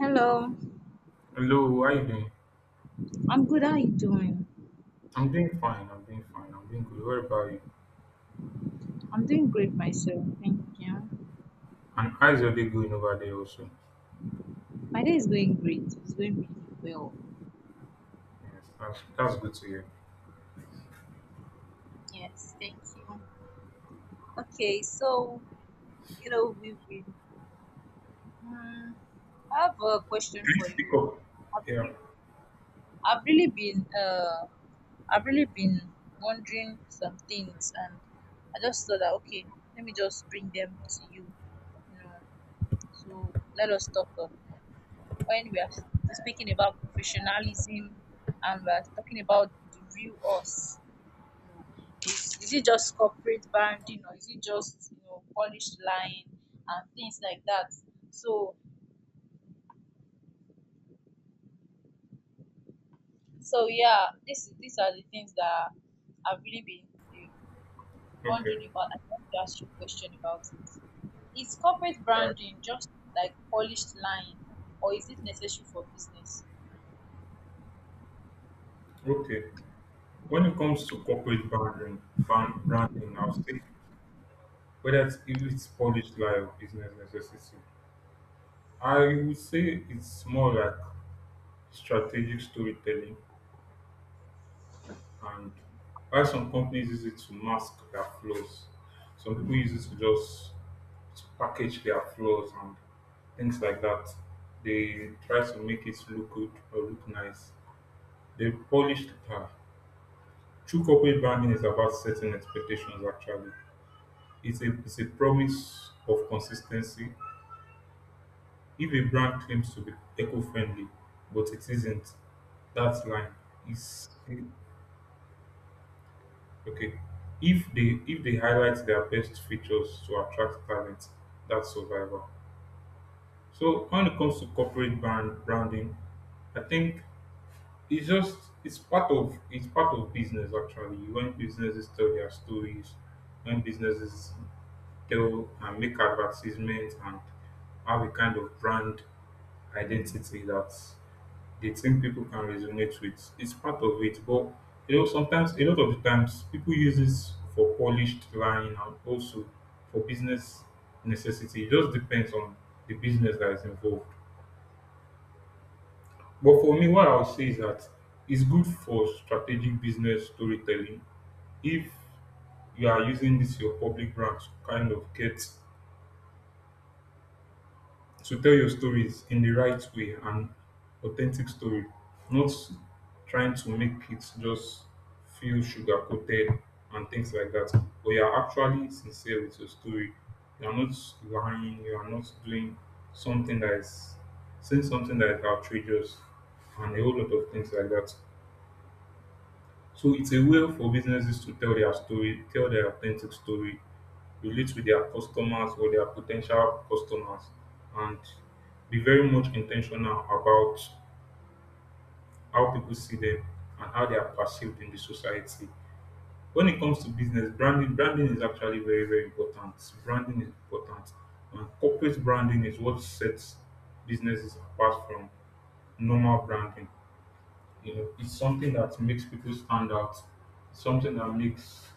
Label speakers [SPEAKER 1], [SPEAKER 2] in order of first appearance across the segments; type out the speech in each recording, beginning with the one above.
[SPEAKER 1] Hello,
[SPEAKER 2] Hello, how you doing?
[SPEAKER 1] I'm good. How are you doing?
[SPEAKER 2] I'm doing fine. I'm doing fine. I'm doing good. What about you?
[SPEAKER 1] I'm doing great myself. Thank you.
[SPEAKER 2] And how's your day going over there also?
[SPEAKER 1] My day is going great. It's going really well.
[SPEAKER 2] Yes, that's good to hear.
[SPEAKER 1] Yes, thank you. Okay, so, you know, we've been. Um, I have a question
[SPEAKER 2] Please
[SPEAKER 1] for
[SPEAKER 2] speak
[SPEAKER 1] you.
[SPEAKER 2] up.
[SPEAKER 1] I've,
[SPEAKER 2] Yeah.
[SPEAKER 1] re- I've really been. I've really been wondering some things, and I just thought that okay, let me just bring them to you. You know, to let us talk on when we are speaking about professionalism and we're talking about the real us, you know, is it just corporate branding or is it just, you know, polished lying and things like that. So so yeah, this is these are the things that I've really been,
[SPEAKER 2] Okay.
[SPEAKER 1] wondering about. I want to ask you a question about it. Is corporate
[SPEAKER 2] All right.
[SPEAKER 1] branding just like polished lying, or is it necessary for business?
[SPEAKER 2] Okay. When it comes to corporate branding, branding, I'll say whether if it's published lie or business necessity, I would say it's more like strategic storytelling. And while some companies use it to mask their flaws, some people use it to just to package their flaws and things like that. They try to make it look good or look nice. They polish the car. True corporate branding is about setting expectations actually. It's a promise of consistency. If a brand claims to be eco-friendly, but it isn't, that line is okay. If they highlight their best features to attract talent, that's survival. So when it comes to corporate branding, I think it's just it's part of business actually. When businesses tell their stories, when businesses tell and make advertisements and have a kind of brand identity that the thing people can resonate with. It's part of it, but you know, sometimes a lot of the times people use this for polished lying and also for business necessity. It just depends on the business that is involved. But for me, what I would say is that it's good for strategic business storytelling if you are using this your public brand to kind of get to tell your stories in the right way, an authentic story, not trying to make it just feel sugar coated and things like that, but you're actually sincere with your story. You're not lying, you are not doing something that is saying something that is outrageous and a whole lot of things like that. So it's a way for businesses to tell their story, tell their authentic story, relate with their customers or their potential customers, and be very much intentional about how people see them and how they are perceived in the society. When it comes to business branding, branding is actually very, very important. Branding is important. And corporate branding is what sets businesses apart from normal branding. You know, it's something that makes people stand out. It's something that makes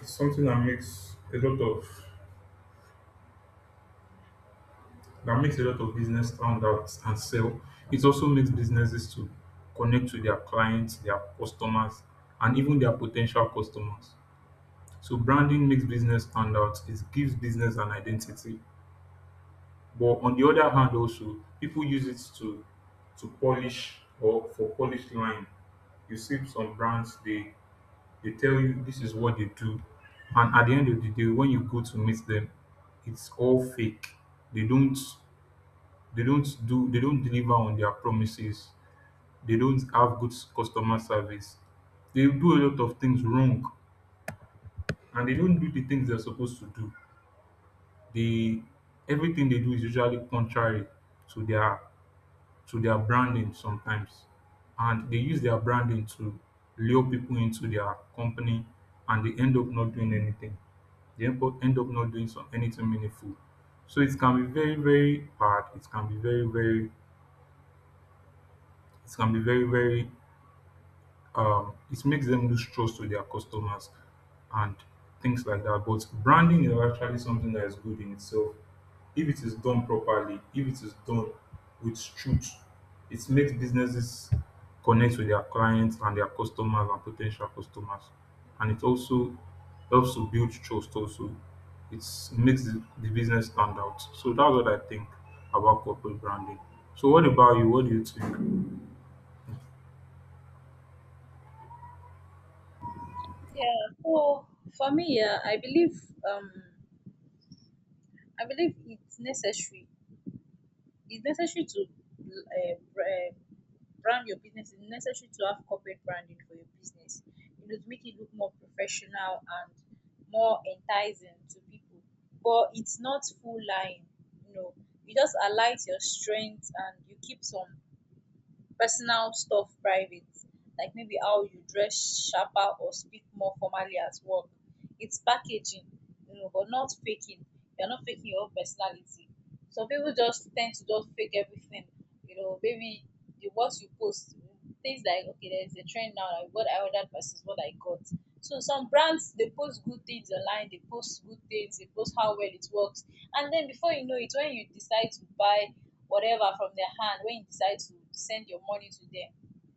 [SPEAKER 2] it's something that makes a lot of that makes a lot of business stand out and sell. It also makes businesses to connect to their clients, their customers, and even their potential customers. So branding makes business stand out. It gives business an identity. But on the other hand, also people use it to polish or for polish line. You see some brands, they tell you this is what they do, and at the end of the day, when you go to meet them, it's all fake. They don't they don't do they don't deliver on their promises. They don't have good customer service. They do a lot of things wrong, and they don't do the things they're supposed to do. They everything they do is usually contrary to their to their branding sometimes, and they use their branding to lure people into their company, and they end up not doing anything. They end up not doing some anything meaningful. So it can be very very bad. It can be very very, it can be very very, it makes them lose trust with their customers and things like that. But branding is actually something that is good in itself. If it is done properly, if it is done with truth, it makes businesses connect with their clients and their customers and potential customers. And it also helps to build trust also. It makes the business stand out. So that's what I think about corporate branding. So what about you? What do you think?
[SPEAKER 1] Yeah, so for me, yeah, I believe, um I believe it's necessary. It's necessary to brand your business. It's necessary to have corporate branding for your business. You know, to make it look more professional and more enticing to people. But it's not full line. You know, you just highlight your strengths and you keep some personal stuff private, like maybe how you dress sharper or speak more formally at work. It's packaging, you know, but not faking. You're not faking your own personality. Some people just tend to just fake everything, you know, maybe the what you post, things like okay, there's a trend now, like what I ordered versus what I got. So some brands, they post good things online, they post good things, they post how well it works, and then before you know it, when you decide to buy whatever from their hand, when you decide to send your money to them,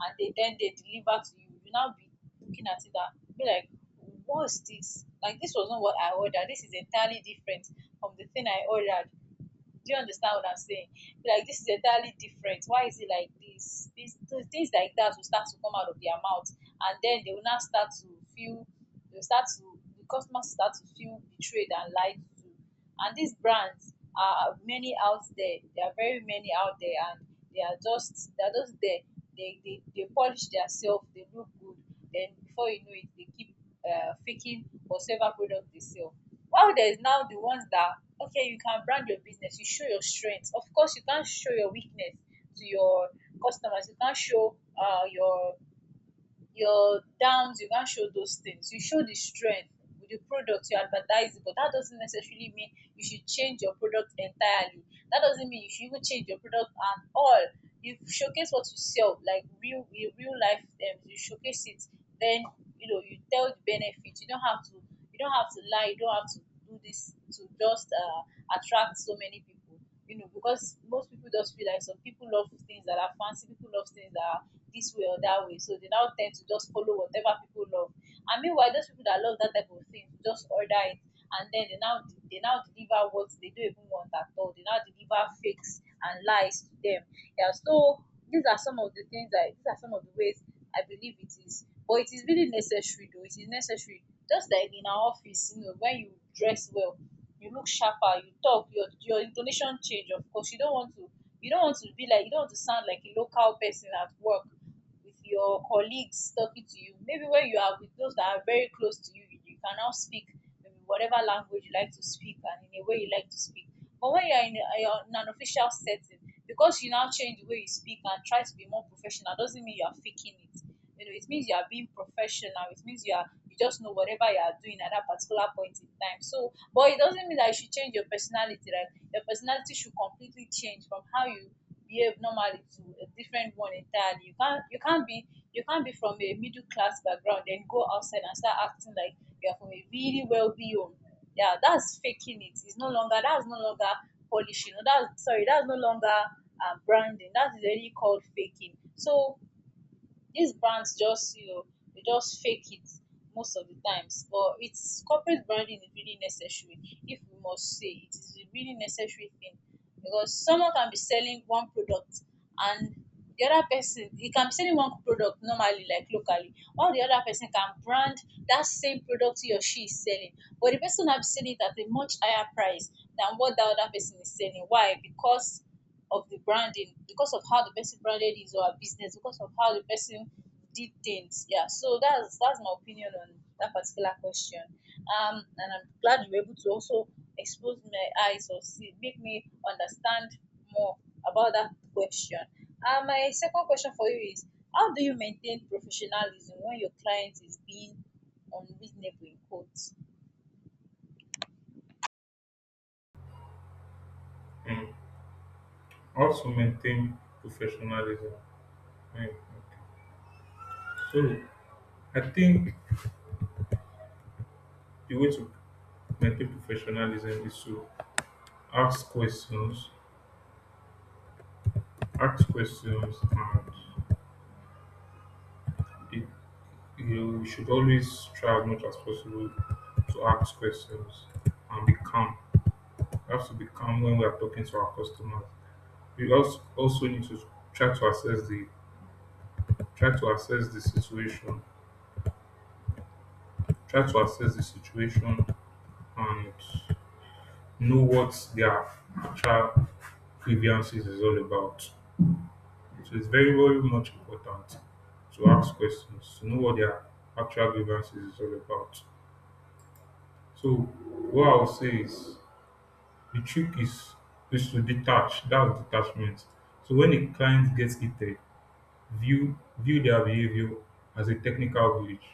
[SPEAKER 1] and they then they deliver to you, you now be looking at it and be like, what's this? Like this was not what I ordered. This is entirely different from the thing I ordered. Do you understand what I'm saying? Be like, this is entirely different. Why is it like this? Things like that will start to come out of their mouth, and then they will now start to feel. The customers start to feel betrayed and lied to. And these brands are many out there. There are very many out there, and they are just there. They polish themselves. They look good. Then before you know it, they keep faking whatever product they sell. While there is now the ones that, okay, you can brand your business, you show your strength. Of course, you can't show your weakness to your customers. You can't show your downs. You can't show those things. You show the strength with the product you advertise, but that doesn't necessarily mean you should change your product entirely. That doesn't mean you should even change your product at all. You showcase what you sell, like real, in real life. You showcase it, then you know you tell the benefit. You don't have to, you don't have to lie, you don't have to do this to just attract so many people, you know, because most people just feel like, some people love things that are fancy, people love things that are this way or that way, so they now tend to just follow whatever people love, and meanwhile those people that love that type of thing just order it, and then they now deliver what they don't even want at all. They now deliver fakes and lies to them. Yeah, so these are some of the ways I believe it is. But it is really necessary though. It is necessary. Just like in our office, you know, when you dress well, you look sharper, you talk, your intonation change, of course. You don't want to, you don't want to be like, you don't want to sound like a local person at work with your colleagues talking to you. Maybe when you are with those that are very close to you, you can now speak maybe whatever language you like to speak and in a way you like to speak. But when you're you're in an official setting, because you now change the way you speak and try to be more professional, doesn't mean you are faking it. You know, it means you are being professional, it means you are, you just know whatever you are doing at that particular point in time. So, but it doesn't mean that you should change your personality, right, your personality should completely change from how you behave normally to a different one entirely. You can't, you can't be, you can't be from a middle class background then go outside and start acting like you're from a really wealthy home. Yeah, that's faking it. It's no longer, that's no longer polishing. That's, sorry, that's no longer, branding. That is really called faking. So these brands just, you know, they just fake it most of the times. But it's, corporate branding is really necessary. If we must say, it is a really necessary thing. Because someone can be selling one product, and the other person, he can be selling one product normally, like locally, while the other person can brand that same product he or she is selling, but the person now be selling it at a much higher price than what that other person is selling. Why? Because of the branding, because of how the person branded his or her business, because of how the person did things. Yeah, so that's my opinion on that particular question. And I'm glad you were able to also expose my eyes, or see, make me understand more about that question. My second question for you is, how do you maintain professionalism when your client is being unreasonable, in quotes?
[SPEAKER 2] Mm. How to maintain professionalism. Hmm, okay. So I think the way to maintain professionalism is to ask questions, ask questions, and it, you should always try as much as possible to ask questions and be calm. We have to be calm when we are talking to our customers. We also need to try to assess the try to assess the situation, try to assess the situation, and know what their actual grievances is all about. So it's very, very much important to ask questions, to know what their actual grievances is all about. So what I'll say is the trick is to detach. That's detachment. So when a client gets heated, view their behavior as a technical glitch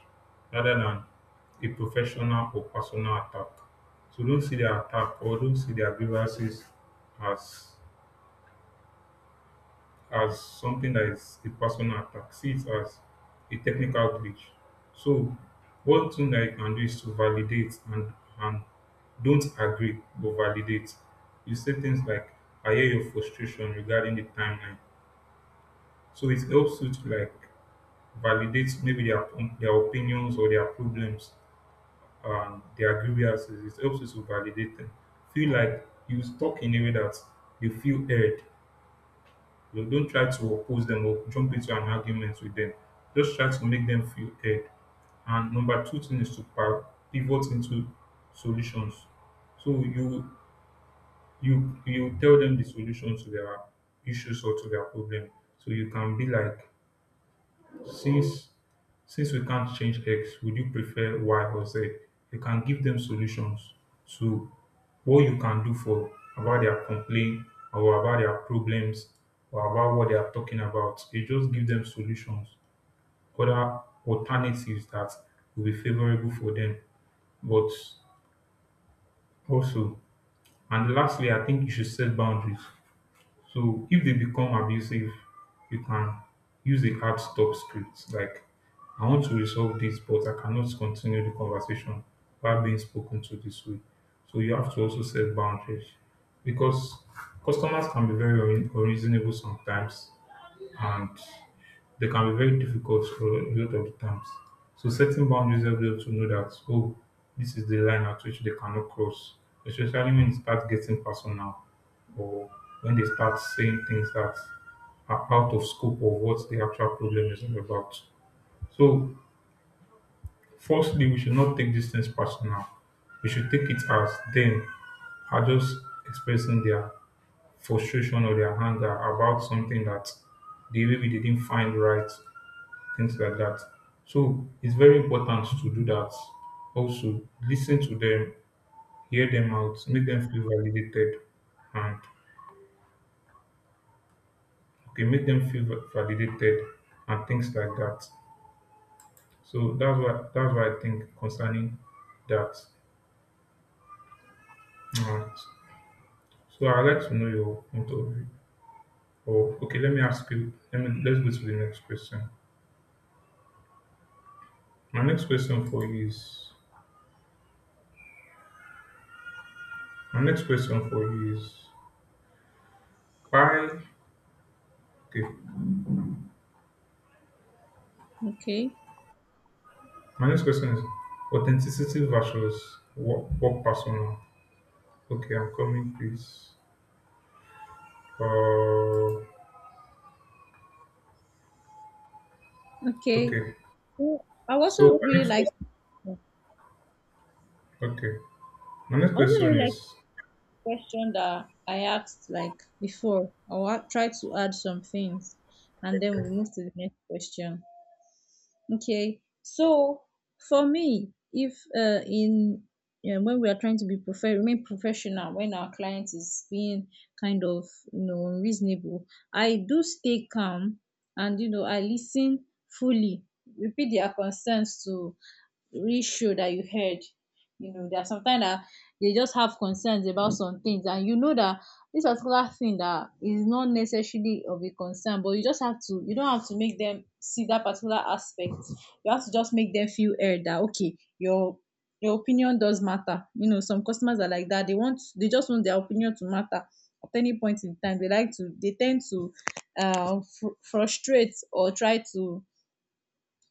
[SPEAKER 2] rather than a professional or personal attack. So don't see their attack, or don't see their grievances as something that is a personal attack. See it as a technical glitch. So one thing that you can do is to validate and and don't agree but validate. You say things like I hear your frustration regarding the timeline. So it helps you to like validate maybe their opinions or their problems and their grievances. It helps you to validate them. Feel like you talk in a way that you feel heard. Don't try to oppose them or jump into an argument with them. Just try to make them feel heard. And number two thing is to pivot into solutions. So you you tell them the solution to their issues or to their problem. So you can be like since since we can't change X, would you prefer Y or Z? You can give them solutions to what you can do for about their complaint or about their problems or about what they are talking about. You just give them solutions, other alternatives that will be favorable for them. But also, and lastly, I think you should set boundaries. So if they become abusive, you can use a hard stop script like I want to resolve this, but I cannot continue the conversation while being spoken to this way. So you have to also set boundaries because customers can be very unreasonable sometimes, and they can be very difficult for a lot of the times. So setting boundaries helps them to know that oh, this is the line at which they cannot cross, especially when it starts getting personal or when they start saying things that are out of scope of what the actual problem is all about. So firstly, we should not take these things personal. We should take it as them are just expressing their frustration or their anger about something that they maybe they didn't find right, things like that. So it's very important to do that. Also, listen to them, hear them out, make them feel validated, and okay, make them feel validated and things like that. So that's what I think concerning that. Alright. So I'd like to know your point of view. Or okay, let me ask you. Let me let's go to the next question. My next question for you is my next question for you is why okay.
[SPEAKER 1] Okay.
[SPEAKER 2] My next question is authenticity versus work, work persona. Okay, I'm coming, please. Uh,
[SPEAKER 1] Okay.
[SPEAKER 2] okay.
[SPEAKER 1] Well, I also
[SPEAKER 2] So my
[SPEAKER 1] really
[SPEAKER 2] next
[SPEAKER 1] like,
[SPEAKER 2] question. Okay, my next
[SPEAKER 1] also really
[SPEAKER 2] question
[SPEAKER 1] like
[SPEAKER 2] is.
[SPEAKER 1] question that I asked like before. Try to add some things and then we'll
[SPEAKER 2] Okay.
[SPEAKER 1] move to the next question. Okay. So for me, if in yeah, when we are trying to be remain professional, when our client is being kind of, you know, unreasonable, I do stay calm and, you know, I listen fully, repeat their concerns to really show that you heard. You know, there are sometimes that they just have concerns about some things, and you know that this particular thing that is not necessarily of a concern, but you just have to, you don't have to make them see that particular aspect. You have to just make them feel heard, that okay, your opinion does matter. You know, some customers are like that. They want they just want their opinion to matter at any point in time. They like to they tend to frustrate, or try to,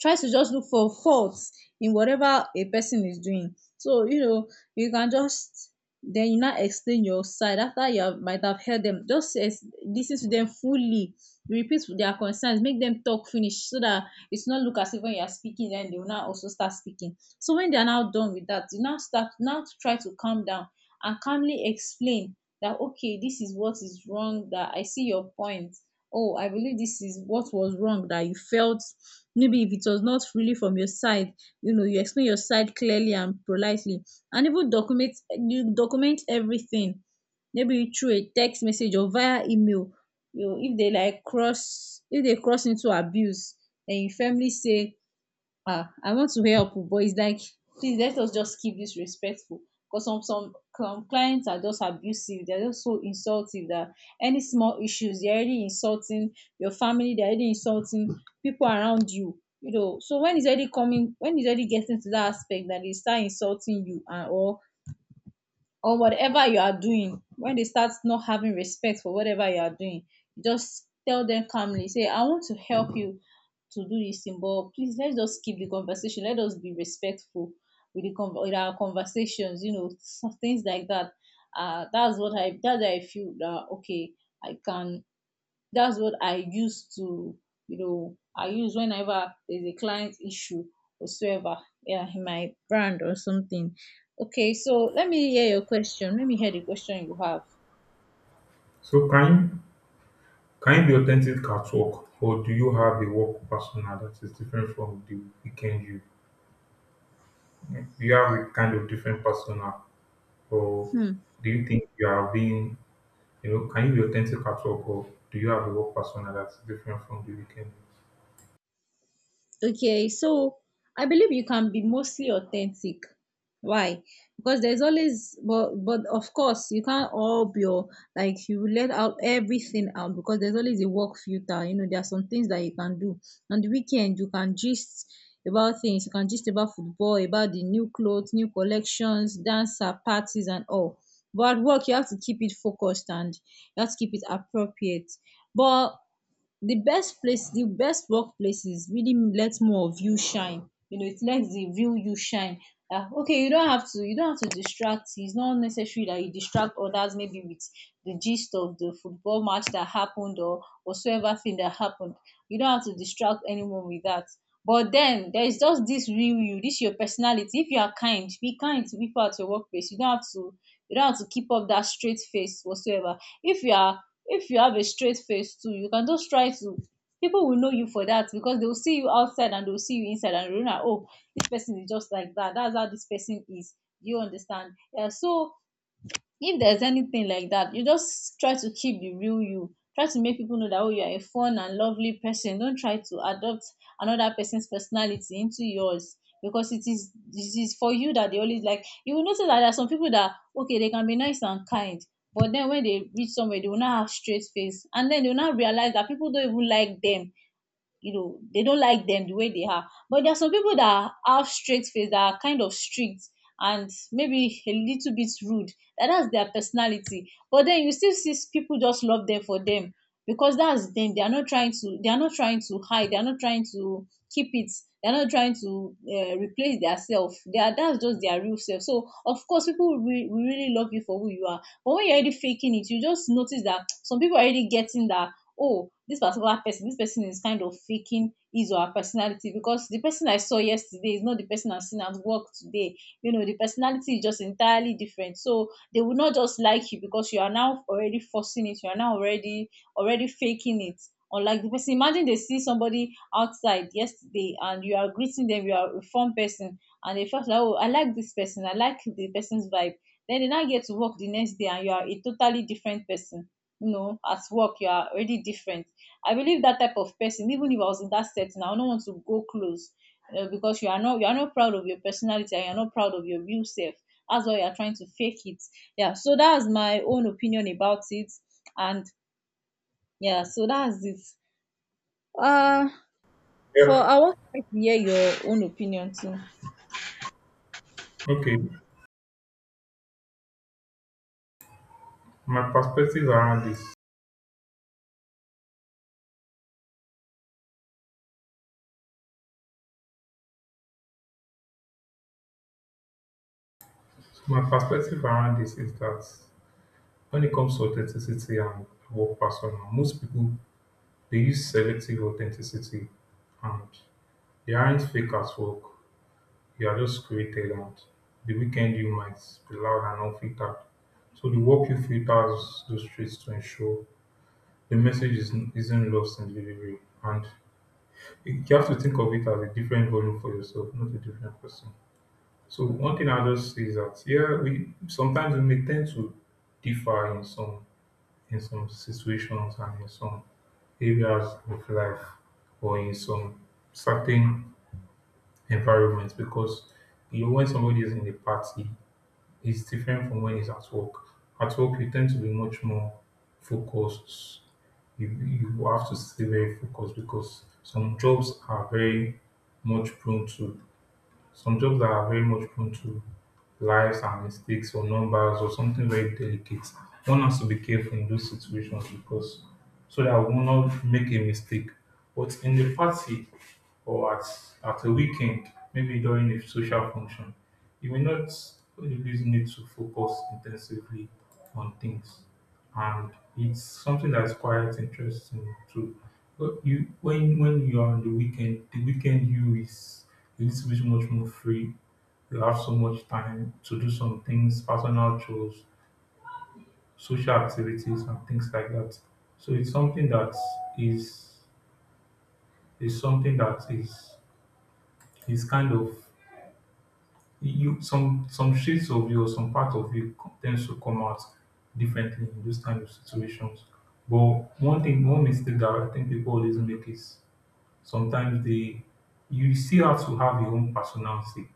[SPEAKER 1] tries to just look for faults in whatever a person is doing. So, you know, you can just, then you now explain your side after you have, might have heard them. Just listen to them fully. Repeat their concerns. Make them talk finish, so that it's not look as if when you are speaking, then they will now also start speaking. So when they are now done with that, you now start now to try to calm down and calmly explain that okay, this is what is wrong. That I see your point. Oh, I believe this is what was wrong that you felt. Maybe if it was not really from your side, you know, you explain your side clearly and politely, and even document, you document everything, maybe through a text message or via email. You know, if they like cross, if they cross into abuse, and you firmly say, ah, I want to help, oh, but it's like, please let us just keep this respectful. Because some clients are just abusive. They're just so insulting that any small issues they're already insulting your family, they're already insulting people around you. You know, so when it's already coming, when it's already getting to that aspect that they start insulting you and, or whatever you are doing, when they start not having respect for whatever you are doing, you just tell them calmly, say I want to help you to do this thing, but please let's just keep the conversation, let us be respectful with the with our conversations, you know, some things like that. Uh that's what i that's how I feel, that okay, I can that's what I use to, you know, I use whenever there's a client issue whatsoever, yeah, in my brand or something. Okay, so let me hear your question. Let me hear the question you have.
[SPEAKER 2] So can you be authentic at work, or do you have a work persona that is different from the weekend you? Do you have a kind of different persona, or
[SPEAKER 1] Hmm.
[SPEAKER 2] do you think you are being, you know, can you be authentic at work, or do you have a work persona that's different from the weekend?
[SPEAKER 1] Okay, so I believe you can be mostly authentic. Why? Because there's always, but of course you can't all be all, like you let out everything out because there's always a work filter. You know there are some things that you can do on the weekend. You can gist about things. You can gist about football, about the new clothes, new collections, dancer parties, and all. But at work you have to keep it focused and you have to keep it appropriate. But the best workplaces really lets more of you shine. You know, it lets the real you shine. Ah, okay, you don't have to distract. It's not necessary that you distract others, maybe with the gist of the football match that happened or whatsoever thing that happened. You don't have to distract anyone with that. But then there is just this real you, this your personality. If you are kind, be kind to people at your workplace. You don't have to you don't have to keep up that straight face whatsoever. If you are, if you have a straight face too, you can just try to, people will know you for that because they will see you outside and they will see you inside, and you know, oh, this person is just like that, that's how this person is. Do you understand? Yeah. So if there's anything like that, you just try to keep the real you, try to make people know that, oh, you are a fun and lovely person. Don't try to adopt another person's personality into yours, because it is for you that they always like. You will notice that there are some people that, okay, they can be nice and kind, but then when they reach somewhere, they will not have straight face, and then they will not realize that people don't even like them. You know, they don't like them the way they are. But there are some people that have straight face, that are kind of strict and maybe a little bit rude. That's their personality, but then you still see people just love them for them, because that's them. They are not trying to hide, they are not trying to keep it, they're not trying to replace their self. They are, that's just their real self. So of course people will, will really love you for who you are. But when you're already faking it, you just notice that some people are already getting that. Oh, this person is kind of faking his or her personality, because the person I saw yesterday is not the person I've seen at work today. You know, the personality is just entirely different. So they will not just like you, because you are now already forcing it, you are now already faking it. Unlike the person, imagine they see somebody outside yesterday and you are greeting them, you are a fun person, and they felt like, oh, I like this person, I like the person's vibe. Then they now get to work the next day and you are a totally different person. You know, at work, you are already different. I believe that type of person, even if I was in that setting, I don't want to go close, because you are not proud of your personality and you are not proud of your real self. That's why you are trying to fake it. Yeah. So that's my own opinion about it, and yeah. So that's it. Uh, for
[SPEAKER 2] Yeah.
[SPEAKER 1] I want to hear your own opinion too.
[SPEAKER 2] Okay. My perspective around this my perspective around this is that when it comes to authenticity and work persona, most people they use selective authenticity and they aren't fake at work. You are just created and the weekend you might be loud and unfiltered. So the work you filters those streets to ensure the message is, isn't lost in delivery. And you have to think of it as a different volume for yourself, not a different person. So one thing I'll just say is that yeah, we sometimes we may tend to differ in some situations and in some areas of life or in some certain environments because you know when somebody is in a party it's different from when he's at work. At work you tend to be much more focused. You have to stay very focused because some jobs are very much prone to some jobs that are very much prone to lives and mistakes or numbers or something very delicate. One has to be careful in those situations because so that we will not make a mistake. But in the party or at a weekend, maybe during a social function, you may not always need to focus intensively on things. And it's something that's quite interesting too. But you when you are on the weekend you is a little bit much more free, you have so much time to do some things, personal chores, social activities, and things like that. So it's something that is is something that is is kind of you, some shades of you or some part of you tends to come out differently in those kind of situations. But one thing, one mistake that I think people always make is sometimes they you still have to have your own personality.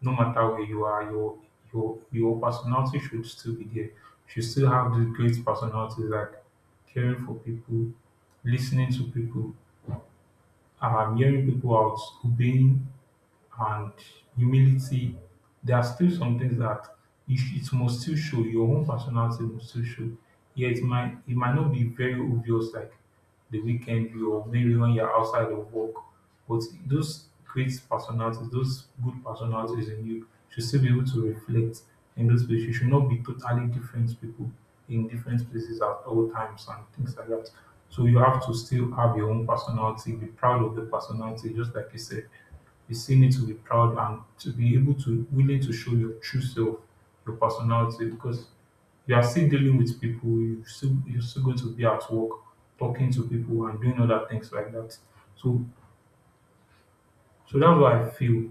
[SPEAKER 2] No matter where you are, your personality should still be there. You should still have the great personalities like caring for people, listening to people, hearing people out, obeying, and humility. There are still some things that it must still show. Your own personality must still show. Yeah, it might not be very obvious like the weekend you or maybe when you're outside of work, but those great personalities, those good personalities in you should still be able to reflect in those places. You should not be totally different people in different places at all times and things like that. So you have to still have your own personality, be proud of the personality, just like you said, you still need to be proud and to be able to willing to show your true self, your personality, because you are still dealing with people, you're still going to be at work talking to people and doing other things like that. So so that's what I feel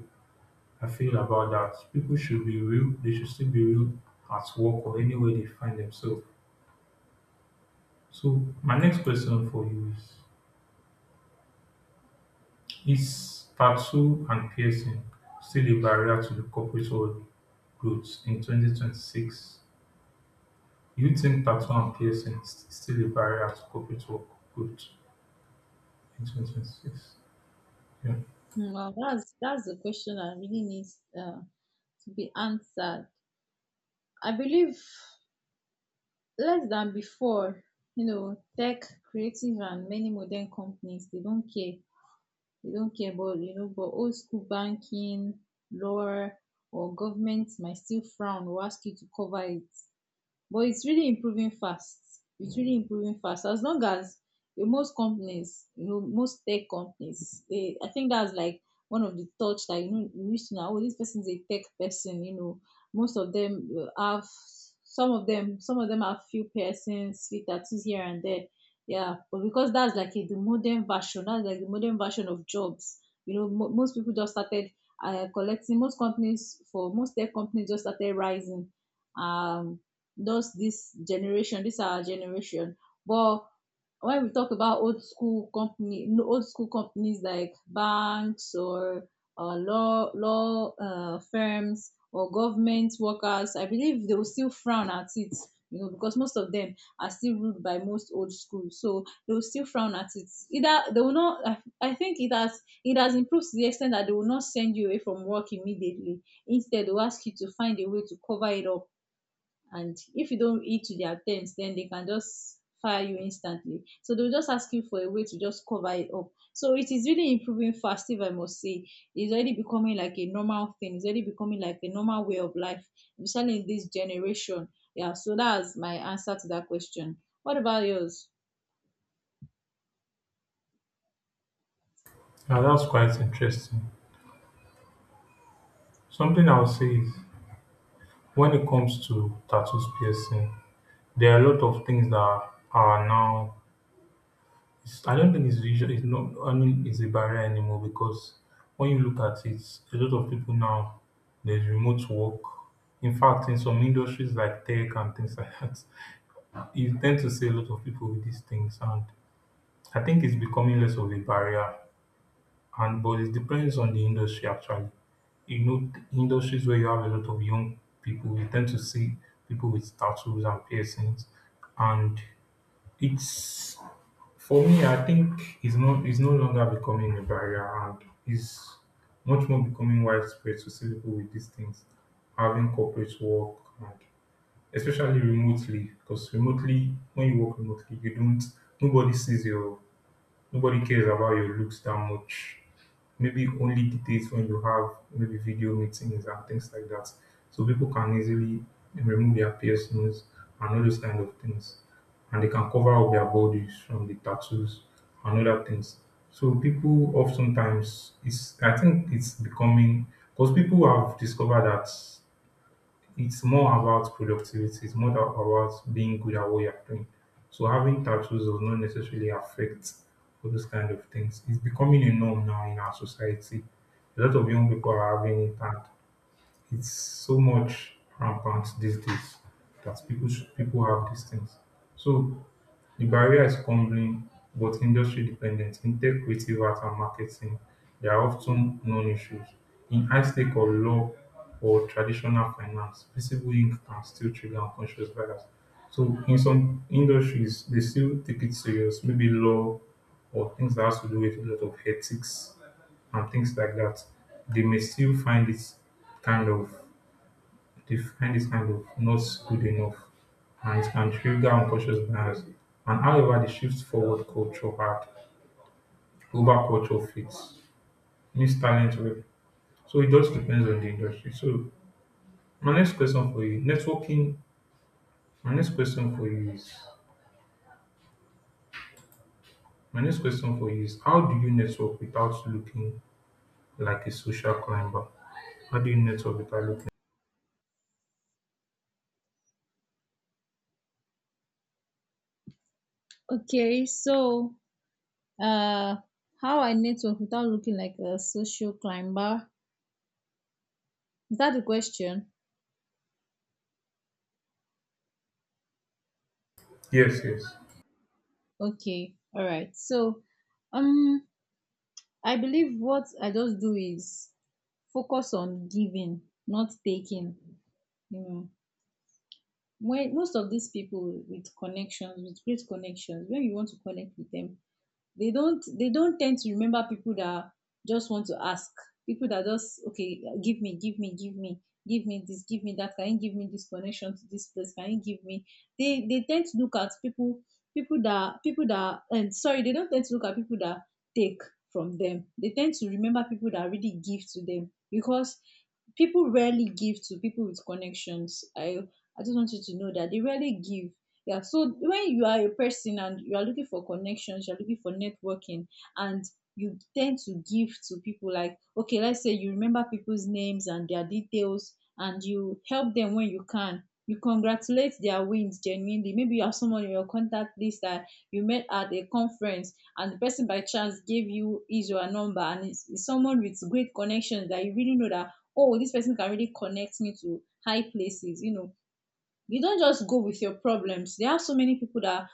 [SPEAKER 2] I feel about that. People should be real, they should still be real at work or anywhere they find themselves. So my next question for you is tattoo and piercing still a barrier to the corporate world growth in 2026? Do you think tattoo and piercing is still a barrier to corporate work growth in 2026? Yeah.
[SPEAKER 1] Hmm. Well, that's the question that really needs to be answered. I believe less than before. You know, tech, creative, and many modern companies, they don't care. They don't care about, you know. But old school banking, law, or government might still frown or ask you to cover it. But it's really improving fast. It's really improving fast. As long as, most companies, you know, most tech companies, they, I think that's like one of the touch that you know you wish to know. Oh, this person is a tech person. You know, most of them have, some of them have few persons, few tattoos here and there. Yeah, but because that's like a, the modern version, that's like the modern version of jobs. You know, most people just started collecting. Most companies, for most tech companies, just started rising. Um, those this generation, this our generation. But when we talk about old school company, old school companies like banks or law firms or government workers, I believe they will still frown at it. You know, because most of them are still ruled by most old school, so they will still frown at it. Either they will not. I think it has improved to the extent that they will not send you away from work immediately. Instead, they'll ask you to find a way to cover it up, and if you don't eat to their terms, then they can just fire you instantly. So they'll just ask you for a way to just cover it up. So it is really improving fast, if I must say. It's already becoming like a normal thing. It's already becoming like a normal way of life, especially in this generation. Yeah. So that's my answer to that question. What about yours?
[SPEAKER 2] Now that's quite interesting. Something I would say is when it comes to tattoos, piercing, there are a lot of things that are now. It's, I don't think it's usually, it's not. I mean, it's a barrier anymore because when you look at it, a lot of people now, there's remote work. In fact, in some industries like tech and things like that, you tend to see a lot of people with these things, and I think it's becoming less of a barrier, and but it depends on the industry actually. You know, industries where you have a lot of young people, you tend to see people with tattoos and piercings, and it's for me, I think it's not, it's no longer becoming a barrier, and it's much more becoming widespread to see people with these things having corporate work, and especially remotely, because remotely when you work remotely you don't nobody sees your nobody cares about your looks that much. Maybe it only dictates when you have maybe video meetings and things like that. So people can easily remove their piercings and all those kind of things. And they can cover up their bodies from the tattoos and other things. So people oftentimes, it's, I think it's becoming, because people have discovered that it's more about productivity. It's more about being good at what you're doing. So having tattoos does not necessarily affect all those kind of things. It's becoming a norm now in our society. A lot of young people are having it, and it's so much rampant these days that people have these things. So the barrier is crumbling, but industry dependent, in tech, creative art, and marketing, they are often non-issues. In high-stake or law or traditional finance, visible ink can still trigger unconscious bias. So in some industries, they still take it serious, maybe law or things that has to do with a lot of ethics and things like that, they may still find it kind of, they find it kind of not good enough, and it can trigger unconscious bias. And however, the shift forward culture had over culture fits means talent web. So it just depends on the industry. So my next question for you, networking. My next question for you is my next question for you is how do you network without looking like a social climber? How do you network without looking?
[SPEAKER 1] Okay, so uh how I network without looking like a social climber, is that the question?
[SPEAKER 2] Yes, yes.
[SPEAKER 1] Okay, all right. So um I believe what I just do is focus on giving, not taking. You know, when most of these people with connections, with great connections, when you want to connect with them, they don't tend to remember people that just want to ask, people that just, okay, give me, give me, give me, give me this, give me that, can you give me this connection to this place, can you give me. They tend to look at people, people that and sorry, they don't tend to look at people that take from them. They tend to remember people that really give to them, because people rarely give to people with connections. I just want you to know that they rarely give. Yeah. So when you are a person and you are looking for connections, you're looking for networking, and you tend to give to people, like, okay, let's say you remember people's names and their details, and you help them when you can. You congratulate their wins genuinely. Maybe you have someone in your contact list that you met at a conference, and the person by chance gave you his or her number, and it's someone with great connections that you really know that, oh, this person can really connect me to high places. You know, you don't just go with your problems. There are so many people that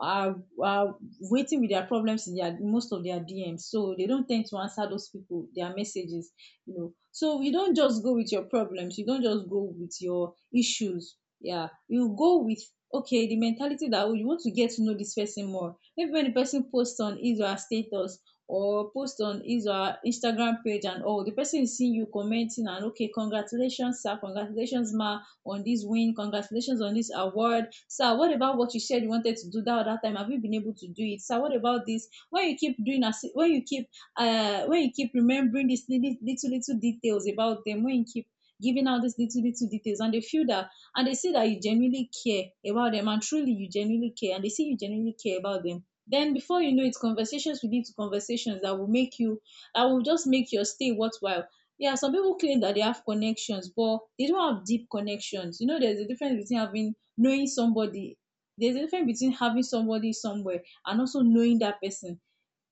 [SPEAKER 1] are, are waiting with their problems in their, most of their DMs. So they don't tend to answer those people, their messages. You know. So you don't just go with your problems, you don't just go with your issues. Yeah. You go with, okay, the mentality that, oh, you want to get to know this person more. Maybe when the person posts on his or her status or post on his or her Instagram page, and oh, the person is seeing you commenting, and okay, congratulations, sir, congratulations, ma, on this win. Congratulations on this award. Sir, what about what you said you wanted to do that other time? Have you been able to do it? Sir, what about this? When you keep doing, as when you keep remembering these little details about them, when you keep giving out these little details, and they feel that, and they see that you genuinely care about them, and truly you genuinely care, and they see you genuinely care about them, then before you know it, conversations will lead to conversations that will make you, that will just make your stay worthwhile. Yeah, some people claim that they have connections, but they don't have deep connections. You know, there's a difference between having, knowing somebody. There's a difference between having somebody somewhere and also knowing that person.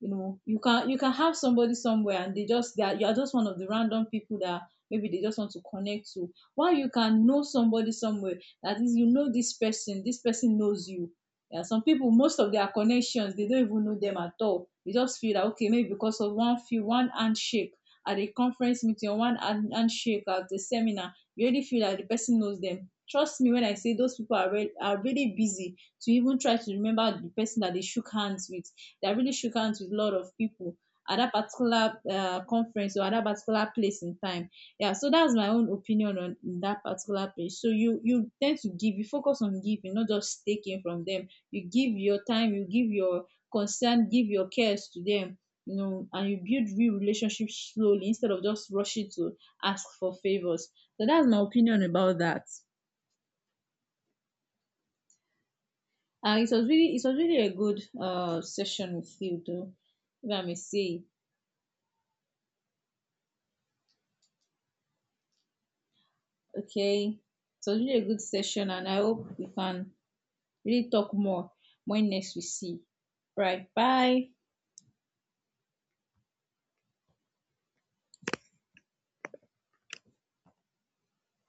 [SPEAKER 1] You know, you can have somebody somewhere and they just they are, you are just one of the random people that maybe they just want to connect to, while you can know somebody somewhere that is, you know, this person knows you. Yeah, some people, most of their connections, they don't even know them at all. They just feel that, okay, maybe because of one handshake at a conference meeting, or one handshake at the seminar, you already feel that the person knows them. Trust me when I say those people are, are really busy to even try to remember the person that they shook hands with, that really shook hands with a lot of people at that particular conference or at that particular place in time. Yeah. So that's my own opinion on that particular page. So you, tend to give, you focus on giving, not just taking from them. You give your time, you give your concern, give your cares to them, you know, and you build real relationships slowly instead of just rushing to ask for favors. So that's my opinion about that. It was really a good session with you though, if I may say. Okay. It was really a good session, and I hope we can really talk more when next we see. Right. Bye.